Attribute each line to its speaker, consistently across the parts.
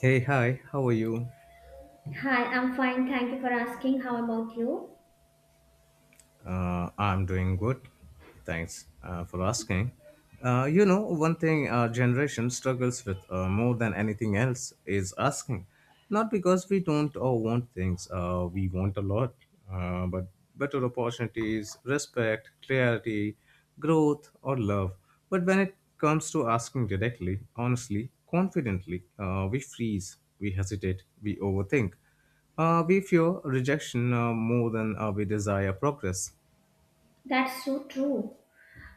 Speaker 1: Hey, hi, how are you?
Speaker 2: Hi, I'm fine. Thank you for asking. How about you?
Speaker 1: I'm doing good. Thanks for asking. One thing our generation struggles with more than anything else is asking. Not because we don't or want things, we want a lot, but better opportunities, respect, clarity, growth, or love. But when it comes to asking directly, honestly, confidently, we freeze, we hesitate, we overthink. We fear rejection more than we desire progress.
Speaker 2: That's so true.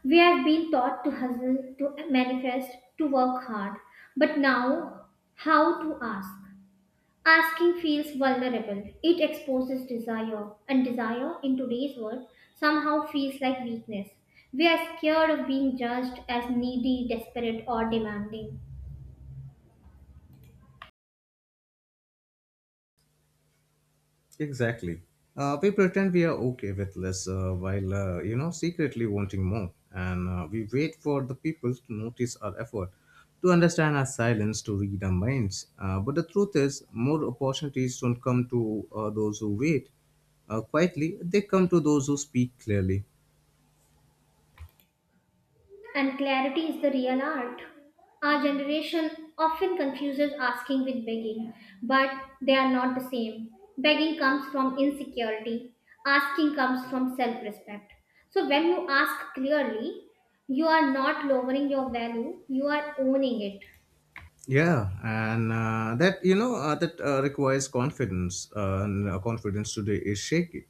Speaker 2: We have been taught to hustle, to manifest, to work hard. But now, how to ask? Asking feels vulnerable. It exposes desire, and desire in today's world somehow feels like weakness. We are scared of being judged as needy, desperate, or demanding.
Speaker 1: Exactly. We pretend we are okay with less while, secretly wanting more. And we wait for the people to notice our effort, to understand our silence, to read our minds. But the truth is, more opportunities don't come to those who wait quietly. They come to those who speak clearly.
Speaker 2: And clarity is the real art. Our generation often confuses asking with begging, but they are not the same. Begging comes from insecurity, asking comes from self respect. So, when you ask clearly, you are not lowering your value, you are owning it.
Speaker 1: Yeah, and that you know that requires confidence, and confidence today is shaky.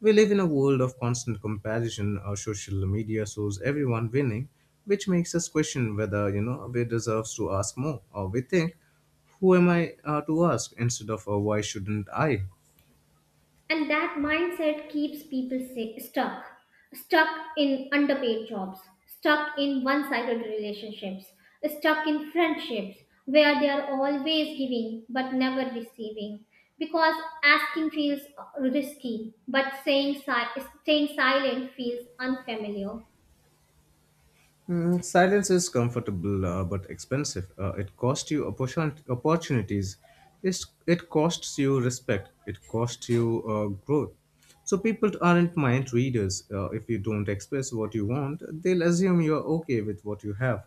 Speaker 1: We live in a world of constant comparison. Our social media shows everyone winning, which makes us question whether we deserves to ask more, or we think, who am I to ask, instead of why shouldn't I?
Speaker 2: And that mindset keeps people stuck, stuck in underpaid jobs, stuck in one-sided relationships, stuck in friendships where they are always giving but never receiving, because asking feels risky, but staying silent feels unfamiliar.
Speaker 1: Mm, silence is comfortable but expensive. It costs you opportunities. It costs you respect. It costs you growth. So people aren't mind readers. If you don't express what you want, they'll assume you're okay with what you have.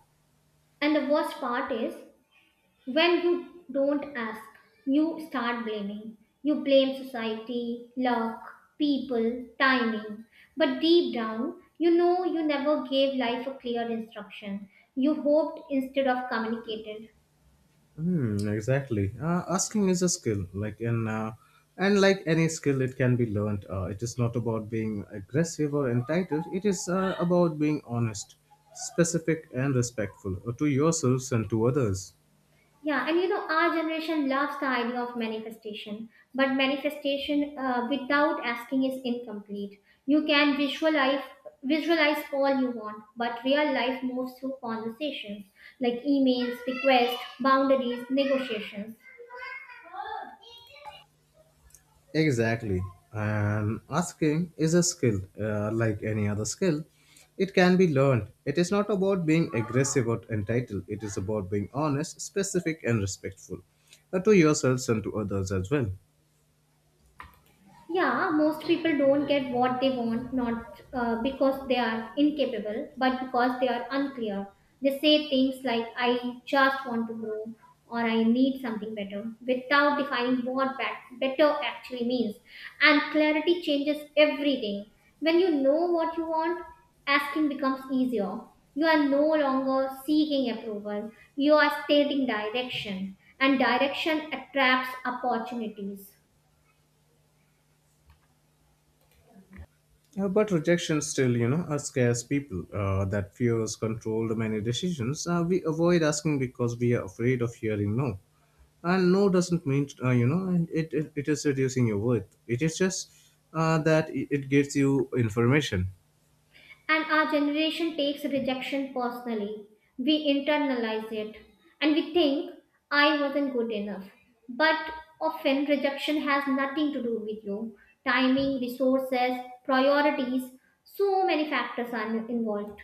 Speaker 2: And the worst part is, when you don't ask, you start blaming. You blame society, luck, people, timing. But deep down, you know you never gave life a clear instruction. You hoped instead of communicated.
Speaker 1: Hmm, exactly. Asking is a skill, like in and like any skill, it can be learned. It is not about being aggressive or entitled. It is about being honest, specific, and respectful to yourselves and to others.
Speaker 2: Yeah, and you know, our generation loves the idea of manifestation, but manifestation without asking is incomplete. You can visualize all you want, but real life moves through conversations like emails, requests, boundaries, negotiations.
Speaker 1: Exactly. And asking is a skill, like any other skill. It can be learned. It is not about being aggressive or entitled. It is about being honest, specific, and respectful to yourselves and to others as well.
Speaker 2: Yeah, most people don't get what they want, not because they are incapable, but because they are unclear. They say things like, I just want to grow, or I need something better, without defining what that better actually means. And clarity changes everything. When you know what you want, asking becomes easier. You are no longer seeking approval, you are stating direction, and direction attracts opportunities.
Speaker 1: But rejection still, scares people. That fear has controlled many decisions. We avoid asking because we are afraid of hearing no. And no doesn't mean, it is reducing your worth. It is just that it gives you information.
Speaker 2: And our generation takes rejection personally. We internalize it and we think, I wasn't good enough. But often, rejection has nothing to do with you. Timing, resources, priorities, so many factors are involved.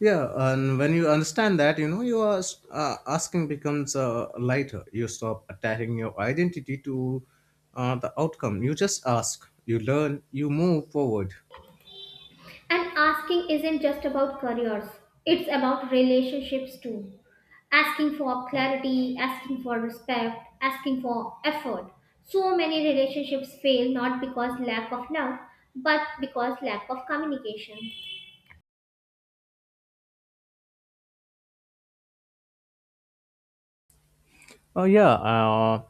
Speaker 1: Yeah, and when you understand that, you know, you are asking becomes lighter. You stop attaching your identity to the outcome. You just ask, you learn, you move forward.
Speaker 2: And asking isn't just about careers, it's about relationships too. Asking for clarity, asking for respect, asking for effort. So many relationships fail not because lack of love, but because lack of communication.
Speaker 1: Oh yeah,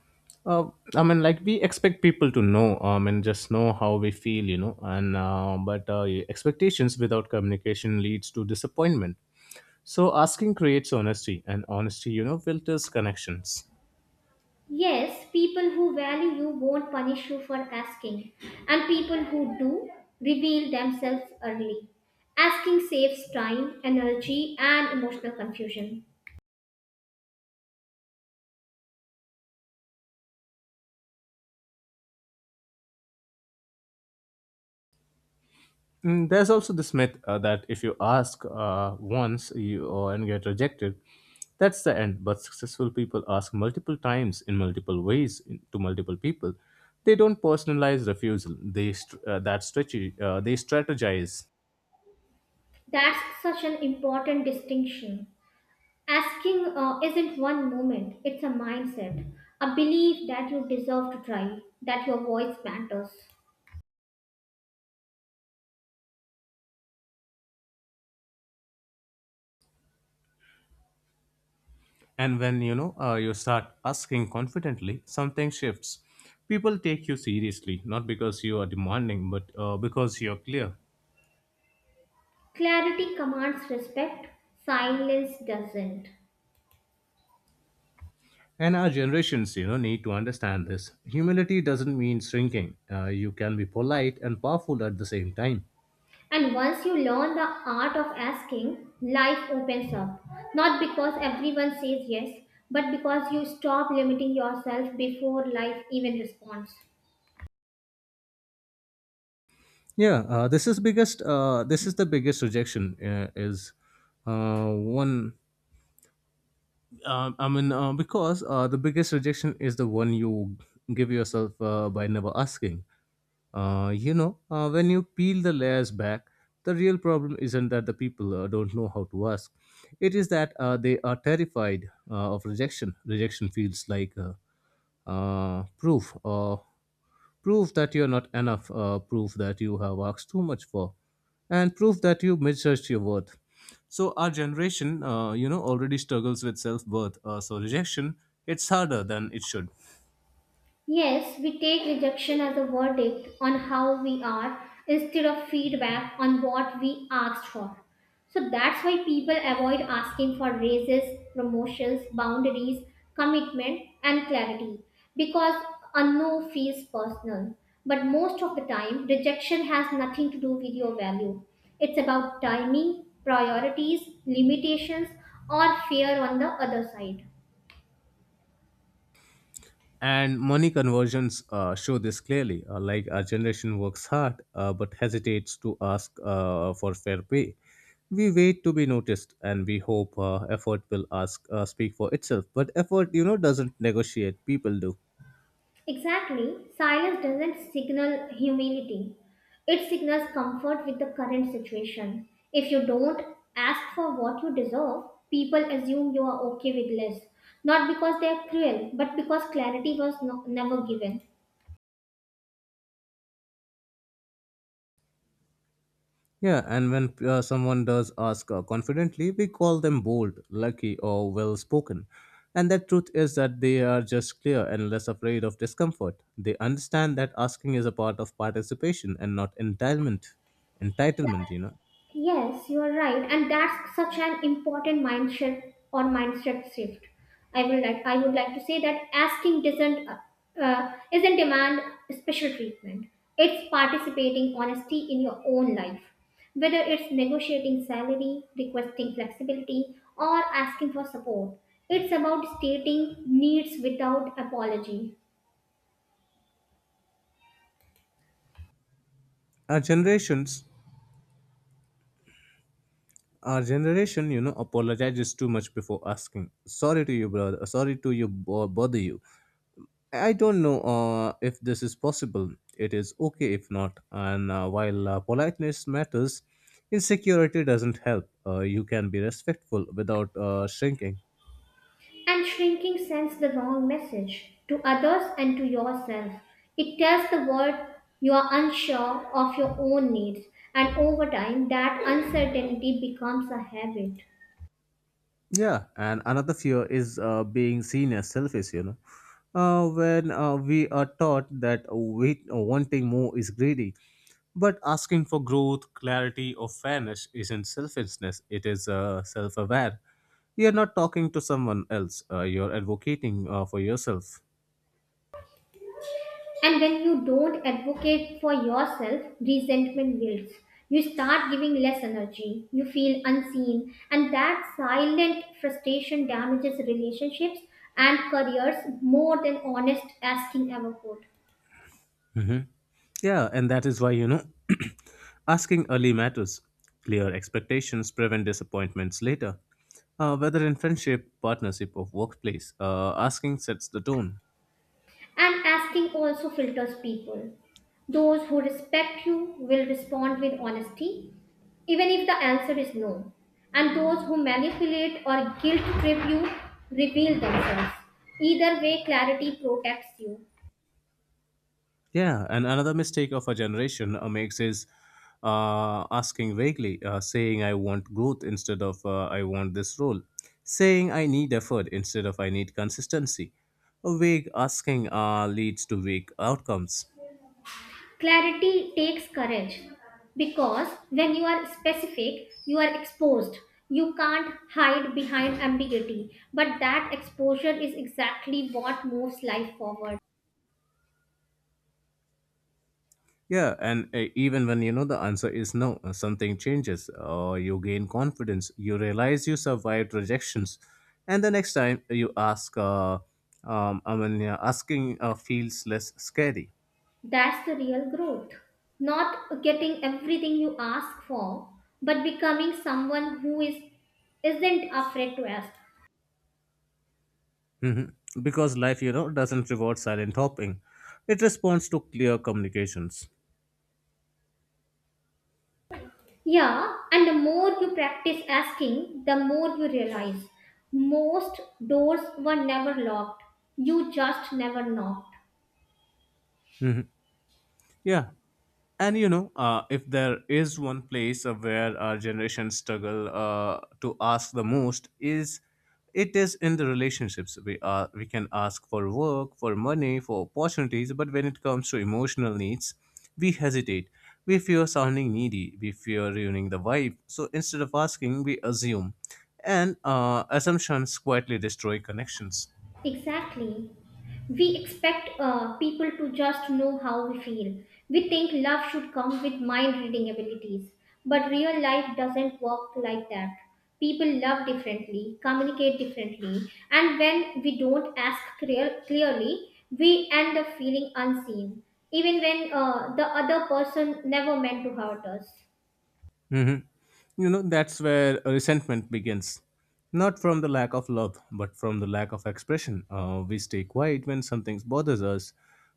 Speaker 1: uh, I mean, like we expect people to know, and just know how we feel, you know, and but expectations without communication leads to disappointment. So asking creates honesty, and honesty, filters connections.
Speaker 2: Yes, people who value you won't punish you for asking, and people who do reveal themselves early. Asking saves time, energy, and emotional confusion.
Speaker 1: Mm, there's also this myth that if you ask once you and get rejected, that's the end. But successful people ask multiple times in multiple ways to multiple people. They don't personalize refusal. That strategy, they strategize.
Speaker 2: That's such an important distinction. Asking isn't one moment, it's a mindset, a belief that you deserve to try, that your voice matters.
Speaker 1: And when you know you start asking confidently, something shifts. People take you seriously, not because you are demanding, but because you're clear.
Speaker 2: Clarity commands respect, silence doesn't.
Speaker 1: And our generations, you know, need to understand this. Humility doesn't mean shrinking. You can be polite and powerful at the same time.
Speaker 2: And once you learn the art of asking, life opens up. Not because everyone says yes, but because you stop limiting yourself before life even responds.
Speaker 1: Yeah, this is the biggest rejection. Is one I mean, because the biggest rejection is the one you give yourself by never asking. When you peel the layers back, the real problem isn't that the people don't know how to ask. It is that they are terrified of rejection. Rejection feels like proof or prove that you're not enough, prove that you have asked too much for, and prove that you misjudged your worth. So our generation, already struggles with self-worth. So rejection, it's harder than it should.
Speaker 2: Yes, we take rejection as a verdict on how we are instead of feedback on what we asked for. So that's why people avoid asking for raises, promotions, boundaries, commitment, and clarity, because a no feels personal. But most of the time, rejection has nothing to do with your value. It's about timing, priorities, limitations, or fear on the other side.
Speaker 1: And money conversions show this clearly. Like our generation works hard, but hesitates to ask for fair pay. We wait to be noticed, and we hope effort will ask speak for itself. But effort, you know, doesn't negotiate. People do.
Speaker 2: Exactly, silence doesn't signal humility. It signals comfort with the current situation. If you don't ask for what you deserve, people assume you are okay with less. Not because they are cruel, but because clarity was never given.
Speaker 1: Yeah, and when someone does ask confidently, we call them bold, lucky, or well spoken. And the truth is that they are just clear and less afraid of discomfort. They understand that asking is a part of participation and not entitlement. Entitlement, you know.
Speaker 2: Yes, you are right, and that's such an important mindset or mindset shift. I would like to say that asking doesn't isn't demand special treatment. It's participating honesty in your own life, whether it's negotiating salary, requesting flexibility, or asking for support. It's about stating needs without apology.
Speaker 1: Our generations, our generation, you know, apologizes too much before asking. Sorry to you, brother. Sorry to bother you. I don't know if this is possible. It is okay if not. And while politeness matters, insecurity doesn't help. You can be respectful without shrinking.
Speaker 2: And shrinking sends the wrong message to others and to yourself. It tells the world you are unsure of your own needs, and over time, that uncertainty becomes a habit.
Speaker 1: Yeah, and another fear is being seen as selfish, you know. When we are taught that wait, wanting more is greedy, but asking for growth, clarity, or fairness isn't selfishness, it is self aware. You're not talking to someone else, you're advocating for yourself.
Speaker 2: And when you don't advocate for yourself, resentment builds. You start giving less energy, you feel unseen, and that silent frustration damages relationships and careers more than honest asking ever could.
Speaker 1: Yeah, and that is why, you know, asking early matters. Clear expectations prevent disappointments later. Whether in friendship, partnership, or workplace, asking sets the tone.
Speaker 2: And asking also filters people. Those who respect you will respond with honesty, even if the answer is no. And those who manipulate or guilt trip you reveal themselves. Either way, clarity protects you.
Speaker 1: Yeah, and another mistake of our generation makes is asking vaguely, saying I want growth instead of I want this role, saying I need effort instead of I need consistency. A vague asking leads to vague outcomes.
Speaker 2: Clarity takes courage because when you are specific, you are exposed. You can't hide behind ambiguity, but that exposure is exactly what moves life forward.
Speaker 1: Yeah, and even when you know the answer is no, something changes, or you gain confidence, you realize you survived rejections, and the next time you ask, I mean, yeah, asking feels less scary.
Speaker 2: That's the real growth. Not getting everything you ask for, but becoming someone who is isn't afraid to ask.
Speaker 1: Mhm. Because life, you know, doesn't reward silent hopping; it responds to clear communications.
Speaker 2: Yeah, and the more you practice asking, the more you realize most doors were never locked. You just never knocked.
Speaker 1: Yeah. And you know, if there is one place where our generation struggle to ask the most is in the relationships. We can ask for work, for money, for opportunities, but when it comes to emotional needs, we hesitate. We fear sounding needy. We fear ruining the vibe. So instead of asking, we assume, and assumptions quietly destroy connections.
Speaker 2: Exactly. We expect people to just know how we feel. We think love should come with mind reading abilities, but real life doesn't work like that. People love differently, communicate differently, and when we don't clearly, we end up feeling unseen, even when the other person never meant to hurt us.
Speaker 1: Hmm. You know, that's where resentment begins. Not from the lack of love, but from the lack of expression. We stay quiet when something bothers us,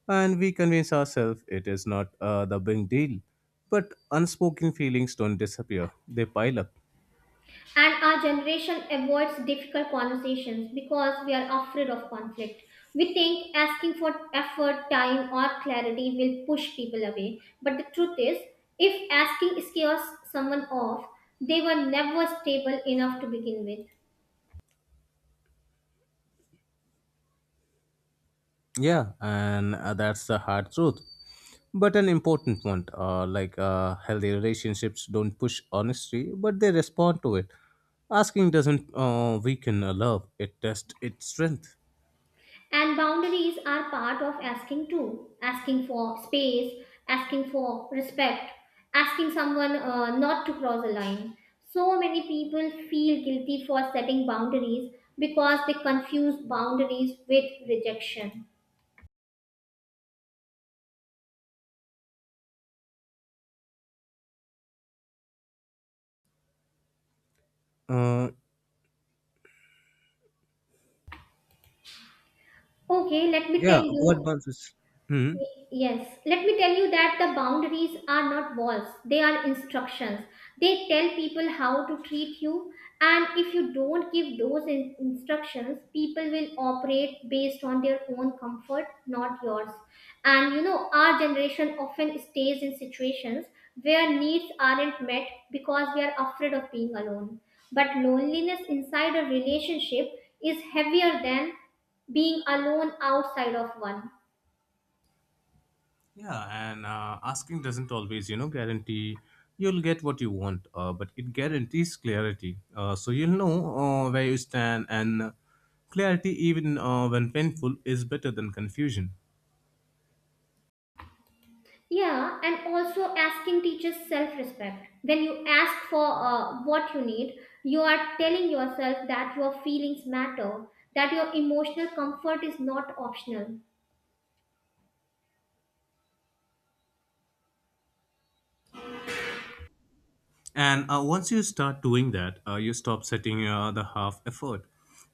Speaker 1: and we convince ourselves it is not the big deal. But unspoken feelings don't disappear, they pile up.
Speaker 2: And our generation avoids difficult conversations because we are afraid of conflict. We think asking for effort, time, or clarity will push people away. But the truth is, if asking scares someone off, they were never stable enough to begin with.
Speaker 1: Yeah, and that's the hard truth. But an important one, like healthy relationships don't push honesty, but they respond to it. Asking doesn't weaken a love; it tests its strength.
Speaker 2: And boundaries are part of asking too. Asking for space, asking for respect, asking someone not to cross a line. So many people feel guilty for setting boundaries because they confuse boundaries with rejection.
Speaker 1: Uh,
Speaker 2: Okay, let me tell
Speaker 1: yeah, what
Speaker 2: you.
Speaker 1: month is? Hmm.
Speaker 2: Yes, let me tell you that the boundaries are not walls, they are instructions. They tell people how to treat you, and if you don't give those instructions, people will operate based on their own comfort, not yours. And you know, our generation often stays in situations where needs aren't met because we are afraid of being alone. But loneliness inside a relationship is heavier than being alone outside of one.
Speaker 1: Yeah, and asking doesn't always, you know, guarantee you'll get what you want, but it guarantees clarity. So you'll know where you stand, and clarity, even when painful, is better than confusion.
Speaker 2: Yeah, and also asking teaches self respect. When you ask for what you need, you are telling yourself that your feelings matter, that your emotional comfort is not optional.
Speaker 1: And once you start doing that, you stop setting the half effort.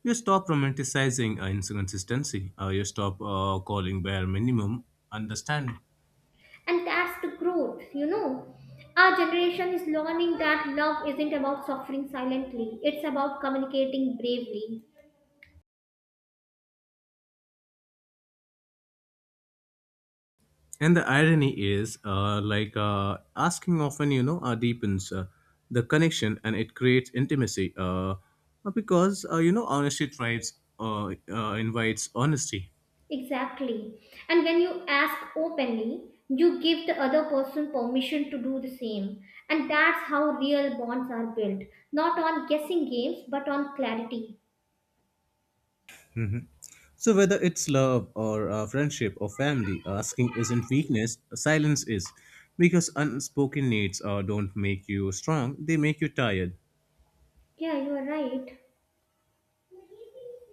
Speaker 1: You stop romanticizing inconsistency. You stop calling bare minimum understanding.
Speaker 2: And that's the growth, you know. Our generation is learning that love isn't about suffering silently, it's about communicating bravely.
Speaker 1: And the irony is, like asking often, deepens the connection and it creates intimacy because, honesty thrives, invites honesty.
Speaker 2: Exactly. And when you ask openly, you give the other person permission to do the same. And that's how real bonds are built, not on guessing games, but on clarity.
Speaker 1: So whether it's love or friendship or family, asking isn't weakness, silence is. Because unspoken needs don't make you strong, they make you tired.
Speaker 2: Yeah, you are right.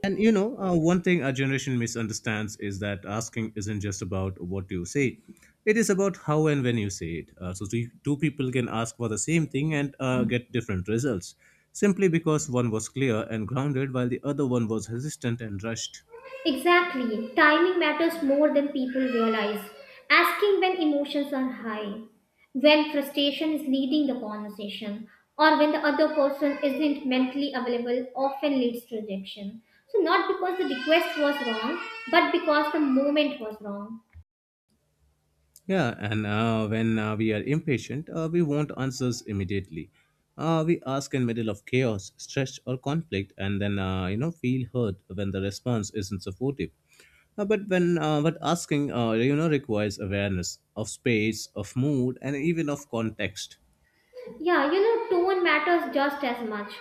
Speaker 1: And you know, one thing our generation misunderstands is that asking isn't just about what you say; it is about how and when you say it. So, two people can ask for the same thing and get different results simply because one was clear and grounded, while the other one was hesitant and rushed.
Speaker 2: Exactly. Timing matters more than people realize. Asking when emotions are high, when frustration is leading the conversation, or when the other person isn't mentally available often leads to rejection. So, not because the request was wrong, but because the moment was wrong.
Speaker 1: Yeah, and when we are impatient, we want answers immediately. We ask in middle of chaos, stress, or conflict, and then feel hurt when the response isn't supportive. But asking, requires awareness of space, of mood, and even of context.
Speaker 2: Yeah, you know, tone matters just as much.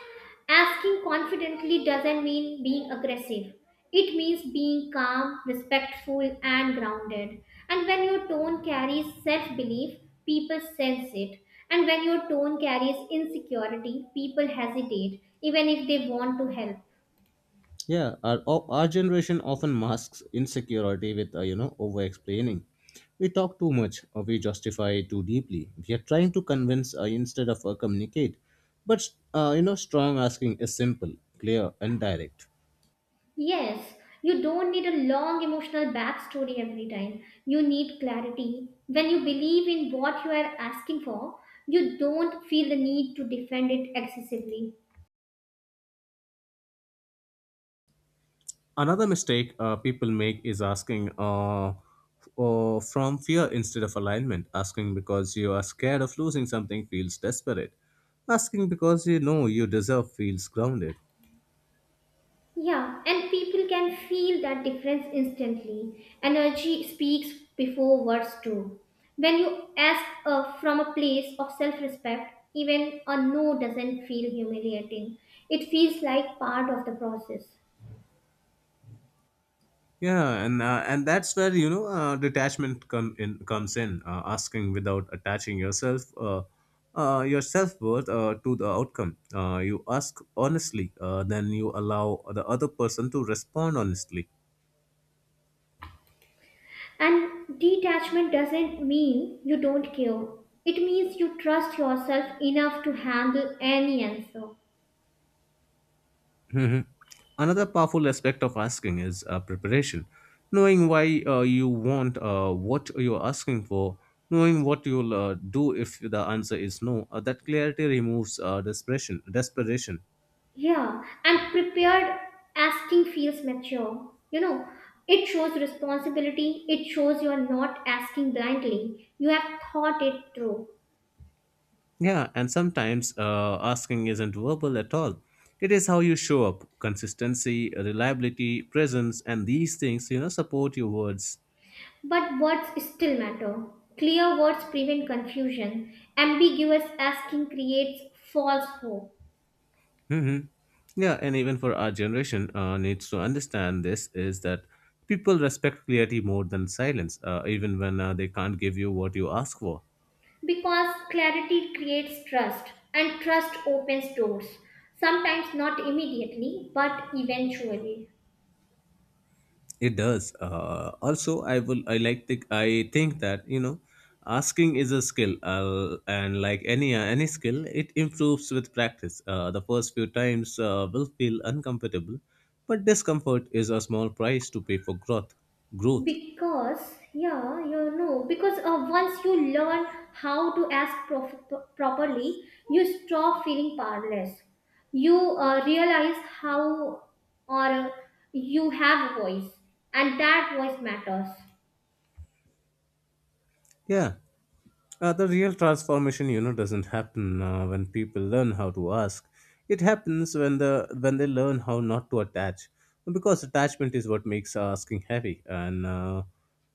Speaker 2: Asking confidently doesn't mean being aggressive. It means being calm, respectful, and grounded. And when your tone carries self belief, people sense it. And when your tone carries insecurity, people hesitate, even if they want to help.
Speaker 1: Yeah, our generation often masks insecurity with, over explaining. We talk too much or we justify too deeply. We are trying to convince instead of communicate. But, strong asking is simple, clear, and direct.
Speaker 2: Yes, you don't need a long emotional backstory every time. You need clarity. When you believe in what you are asking for, you don't feel the need to defend it excessively.
Speaker 1: Another mistake people make is asking from fear instead of alignment. Asking because you are scared of losing something feels desperate. Asking because you know you deserve feels grounded.
Speaker 2: Yeah, and people can feel that difference instantly. Energy speaks before words do. When you ask from a place of self respect, even a no doesn't feel humiliating. It feels like part of the process.
Speaker 1: Yeah, and that's where detachment comes in. Asking without attaching yourself, your self-worth to the outcome. You ask honestly, then you allow the other person to respond honestly.
Speaker 2: And detachment doesn't mean you don't care. It means you trust yourself enough to handle any answer.
Speaker 1: Mhm. Another powerful aspect of asking is preparation. Knowing why you want what you're asking for, knowing what you'll do if the answer is no. That clarity removes desperation.
Speaker 2: Yeah, and prepared asking feels mature. You know, it shows responsibility, it shows you're not asking blindly. You have thought it through.
Speaker 1: Yeah, and sometimes asking isn't verbal at all. It is how you show up. Consistency, reliability, presence, and these things, you know, support your words.
Speaker 2: But words still matter. Clear words prevent confusion. Ambiguous asking creates false hope.
Speaker 1: Hmm. Yeah, and even for our generation, needs to understand this is that people respect clarity more than silence, even when they can't give you what you ask for.
Speaker 2: Because clarity creates trust, and trust opens doors. Sometimes not immediately, but eventually.
Speaker 1: It does. Also, I will. I like the. I think that asking is a skill, and like any skill, it improves with practice. The first few times will feel uncomfortable, but discomfort is a small price to pay for growth. Growth.
Speaker 2: Because, yeah, you know, because once you learn how to ask properly, you stop feeling powerless. You realize how or you have a voice, and that voice matters.
Speaker 1: Yeah, the real transformation, you know, doesn't happen when people learn how to ask. It happens when they learn how not to attach, because attachment is what makes asking heavy, and uh,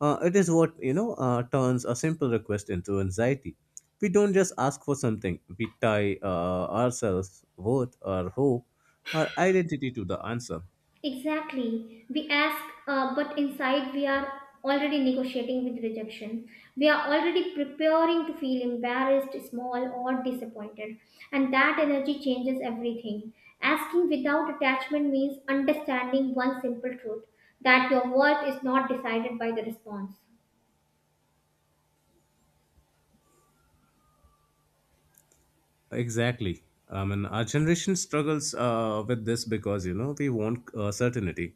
Speaker 1: uh, it is what turns a simple request into anxiety. We don't just ask for something; we tie ourselves, worth, our hope, our identity to the answer.
Speaker 2: Exactly. We ask, but inside we are already negotiating with rejection. We are already preparing to feel embarrassed, small, or disappointed. And that energy changes everything. Asking without attachment means understanding one simple truth, that your worth is not decided by the response.
Speaker 1: Exactly. I mean, our generation struggles with this because, you know, we want certainty.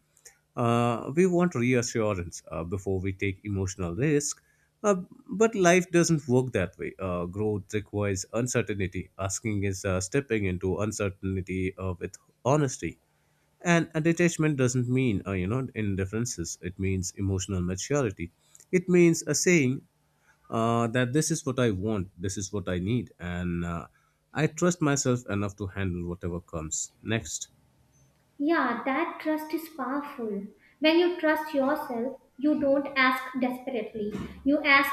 Speaker 1: We want reassurance before we take emotional risk. Uh, but life doesn't work that way. Growth requires uncertainty. Asking is stepping into uncertainty with honesty. And a detachment doesn't mean, you know, indifferences. It means emotional maturity. It means a saying that this is what I want, this is what I need, and I trust myself enough to handle whatever comes next.
Speaker 2: Yeah, that trust is powerful. When you trust yourself, you don't ask desperately. You ask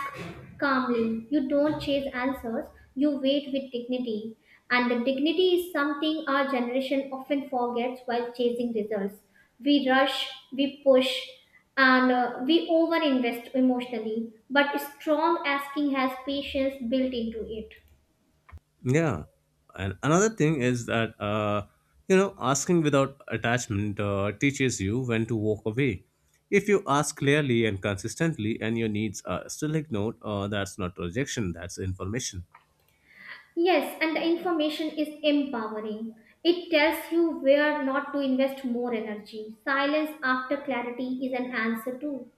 Speaker 2: calmly. You don't chase answers. You wait with dignity. And the dignity is something our generation often forgets while chasing results. We rush, we push, and we overinvest emotionally. But strong asking has patience built into it.
Speaker 1: Yeah. And another thing is that, you know, asking without attachment teaches you when to walk away. If you ask clearly and consistently and your needs are still ignored, that's not rejection, that's information.
Speaker 2: Yes, and the information is empowering. It tells you where not to invest more energy. Silence after clarity is an answer too.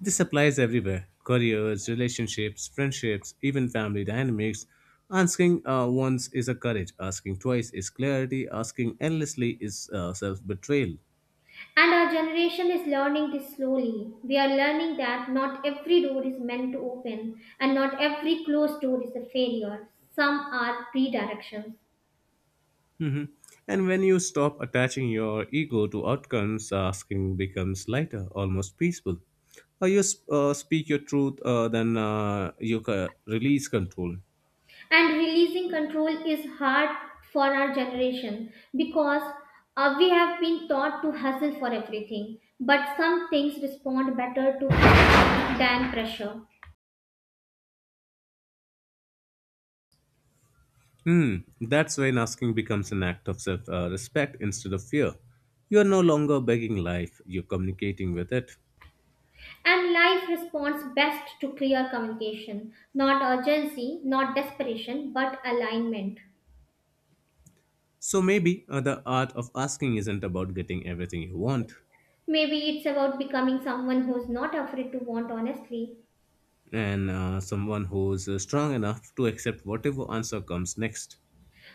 Speaker 1: This applies everywhere: careers, relationships, friendships, even family dynamics. Asking once is a courage, asking twice is clarity, asking endlessly is self betrayal.
Speaker 2: And our generation is learning this slowly. We are learning that not every door is meant to open and not every closed door is a failure. Some are redirections.
Speaker 1: Mhm. And when you stop attaching your ego to outcomes, asking becomes lighter, almost peaceful. Speak your truth, release control.
Speaker 2: And releasing control is hard for our generation because we have been taught to hustle for everything. But some things respond better to than pressure.
Speaker 1: Hmm, that's when asking becomes an act of self respect instead of fear. You are no longer begging life, you're communicating with it.
Speaker 2: And life responds best to clear communication, not urgency, not desperation, but alignment.
Speaker 1: So maybe the art of asking isn't about getting everything you want,
Speaker 2: Maybe it's about becoming someone who's not afraid to want honestly.
Speaker 1: and someone who's strong enough to accept whatever answer comes next.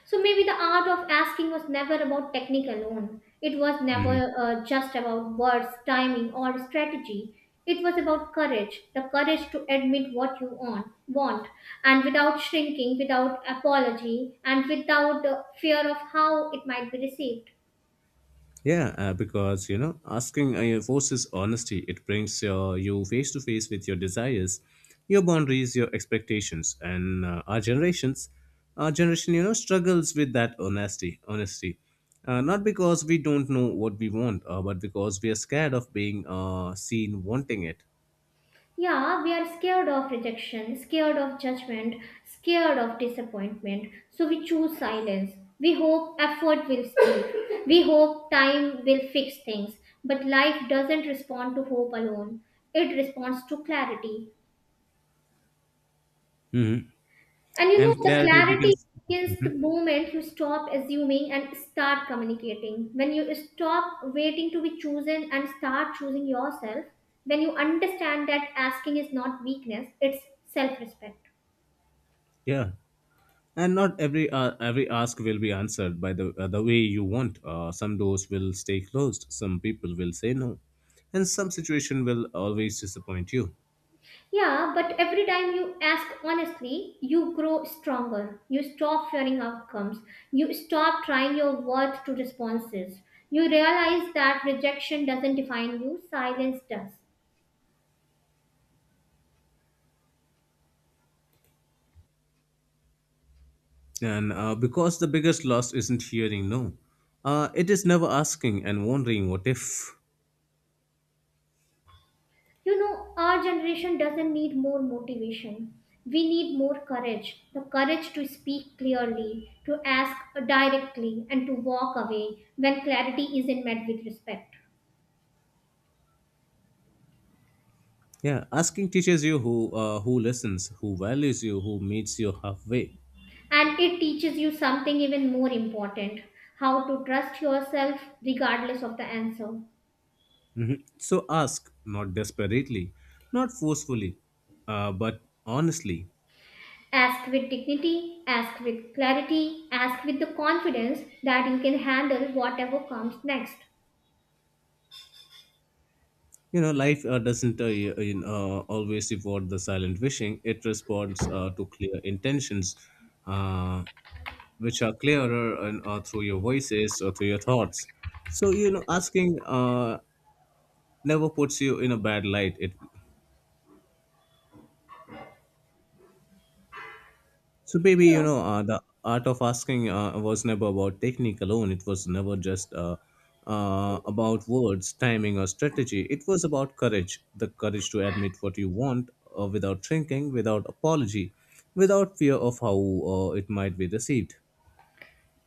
Speaker 2: So maybe the art of asking was never about technique alone. It was never just about words, timing, or strategy. It was about courage, the courage to admit what you want, and without shrinking, without apology, and without fear of how it might be received.
Speaker 1: Yeah, because you know, asking forces honesty. It brings you face to face with your desires, your boundaries, your expectations, and our generation, you know, struggles with that honesty. Not because we don't know what we want, but because we are scared of being seen wanting it.
Speaker 2: Yeah, we are scared of rejection, scared of judgment, scared of disappointment. So we choose silence. We hope effort will speak. We hope time will fix things. But life doesn't respond to hope alone, it responds to clarity. And you know,
Speaker 1: And
Speaker 2: the
Speaker 1: clarity
Speaker 2: clarity
Speaker 1: begins.
Speaker 2: begins the moment you stop assuming and start communicating. When you stop waiting to be chosen and start choosing yourself, when you understand that asking is not weakness, it's self respect.
Speaker 1: Yeah. And not every ask will be answered by the way you want. Some doors will stay closed, some people will say no, and some situation will always disappoint you.
Speaker 2: Yeah, but every time you ask honestly, you grow stronger. You stop fearing outcomes. You stop trying your worth to responses. You realize that rejection doesn't define you, silence does.
Speaker 1: And because the biggest loss isn't hearing no, it is never asking and wondering what if.
Speaker 2: You know, our generation doesn't need more motivation. We need more courage, the courage to speak clearly, to ask directly, and to walk away when clarity isn't met with respect.
Speaker 1: Yeah, asking teaches you who listens, who values you, who meets you halfway.
Speaker 2: And it teaches you something even more important, how to trust yourself regardless of the answer.
Speaker 1: So ask, not desperately, not forcefully, but honestly.
Speaker 2: Ask with dignity, ask with clarity, ask with the confidence that you can handle whatever comes next.
Speaker 1: You know, life doesn't y- you know, always reward the silent wishing. It responds to clear intentions, uh, which are clearer and through your voices or through your thoughts. So you know, asking never puts you in a bad light. It. So, maybe you
Speaker 2: Yeah.
Speaker 1: know, the art of asking was never about technique alone. It was never just about words, timing, or strategy. It was about courage, the courage to admit what you want without shrinking, without apology, without fear of how it might be received.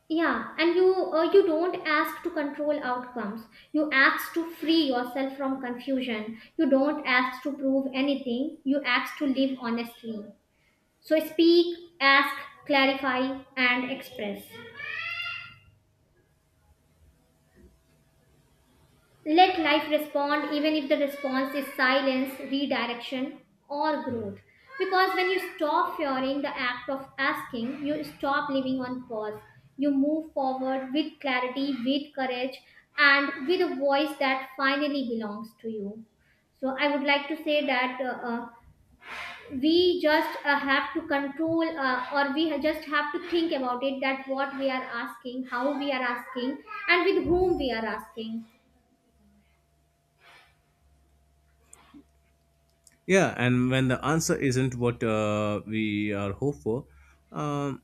Speaker 2: Yeah, and you don't ask to control outcomes. You ask to free yourself from confusion. You don't ask to prove anything. You ask to live honestly. So speak, ask, clarify, and express. Let life respond, even if the response is silence, redirection, or growth. Because when you stop fearing the act of asking, you stop living on pause. You move forward with clarity, with courage, and with a voice that finally belongs to you. So I would like to say that we just have to control, or we just have to think about it, that what we are asking, how we are asking, and with whom we are asking.
Speaker 1: Yeah, and when the answer isn't what we are hopeful, um.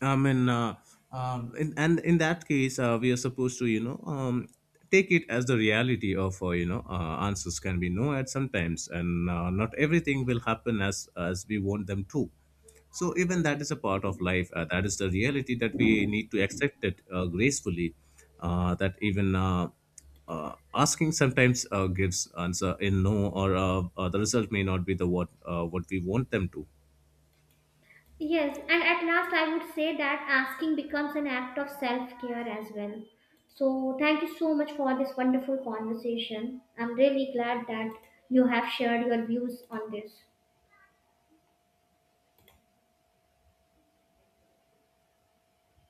Speaker 1: I mean, and in that case, we are supposed to, you know, take it as the reality of, answers can be no at sometimes, and not everything will happen as we want them to. So even that is a part of life. That is the reality that we need to accept it gracefully. That even Asking sometimes gives answer in no, or the result may not be the what we want them to.
Speaker 2: Yes, and at last, I would say that asking becomes an act of self care as well. So, thank you so much for this wonderful conversation. I'm really glad that you have shared your views on this.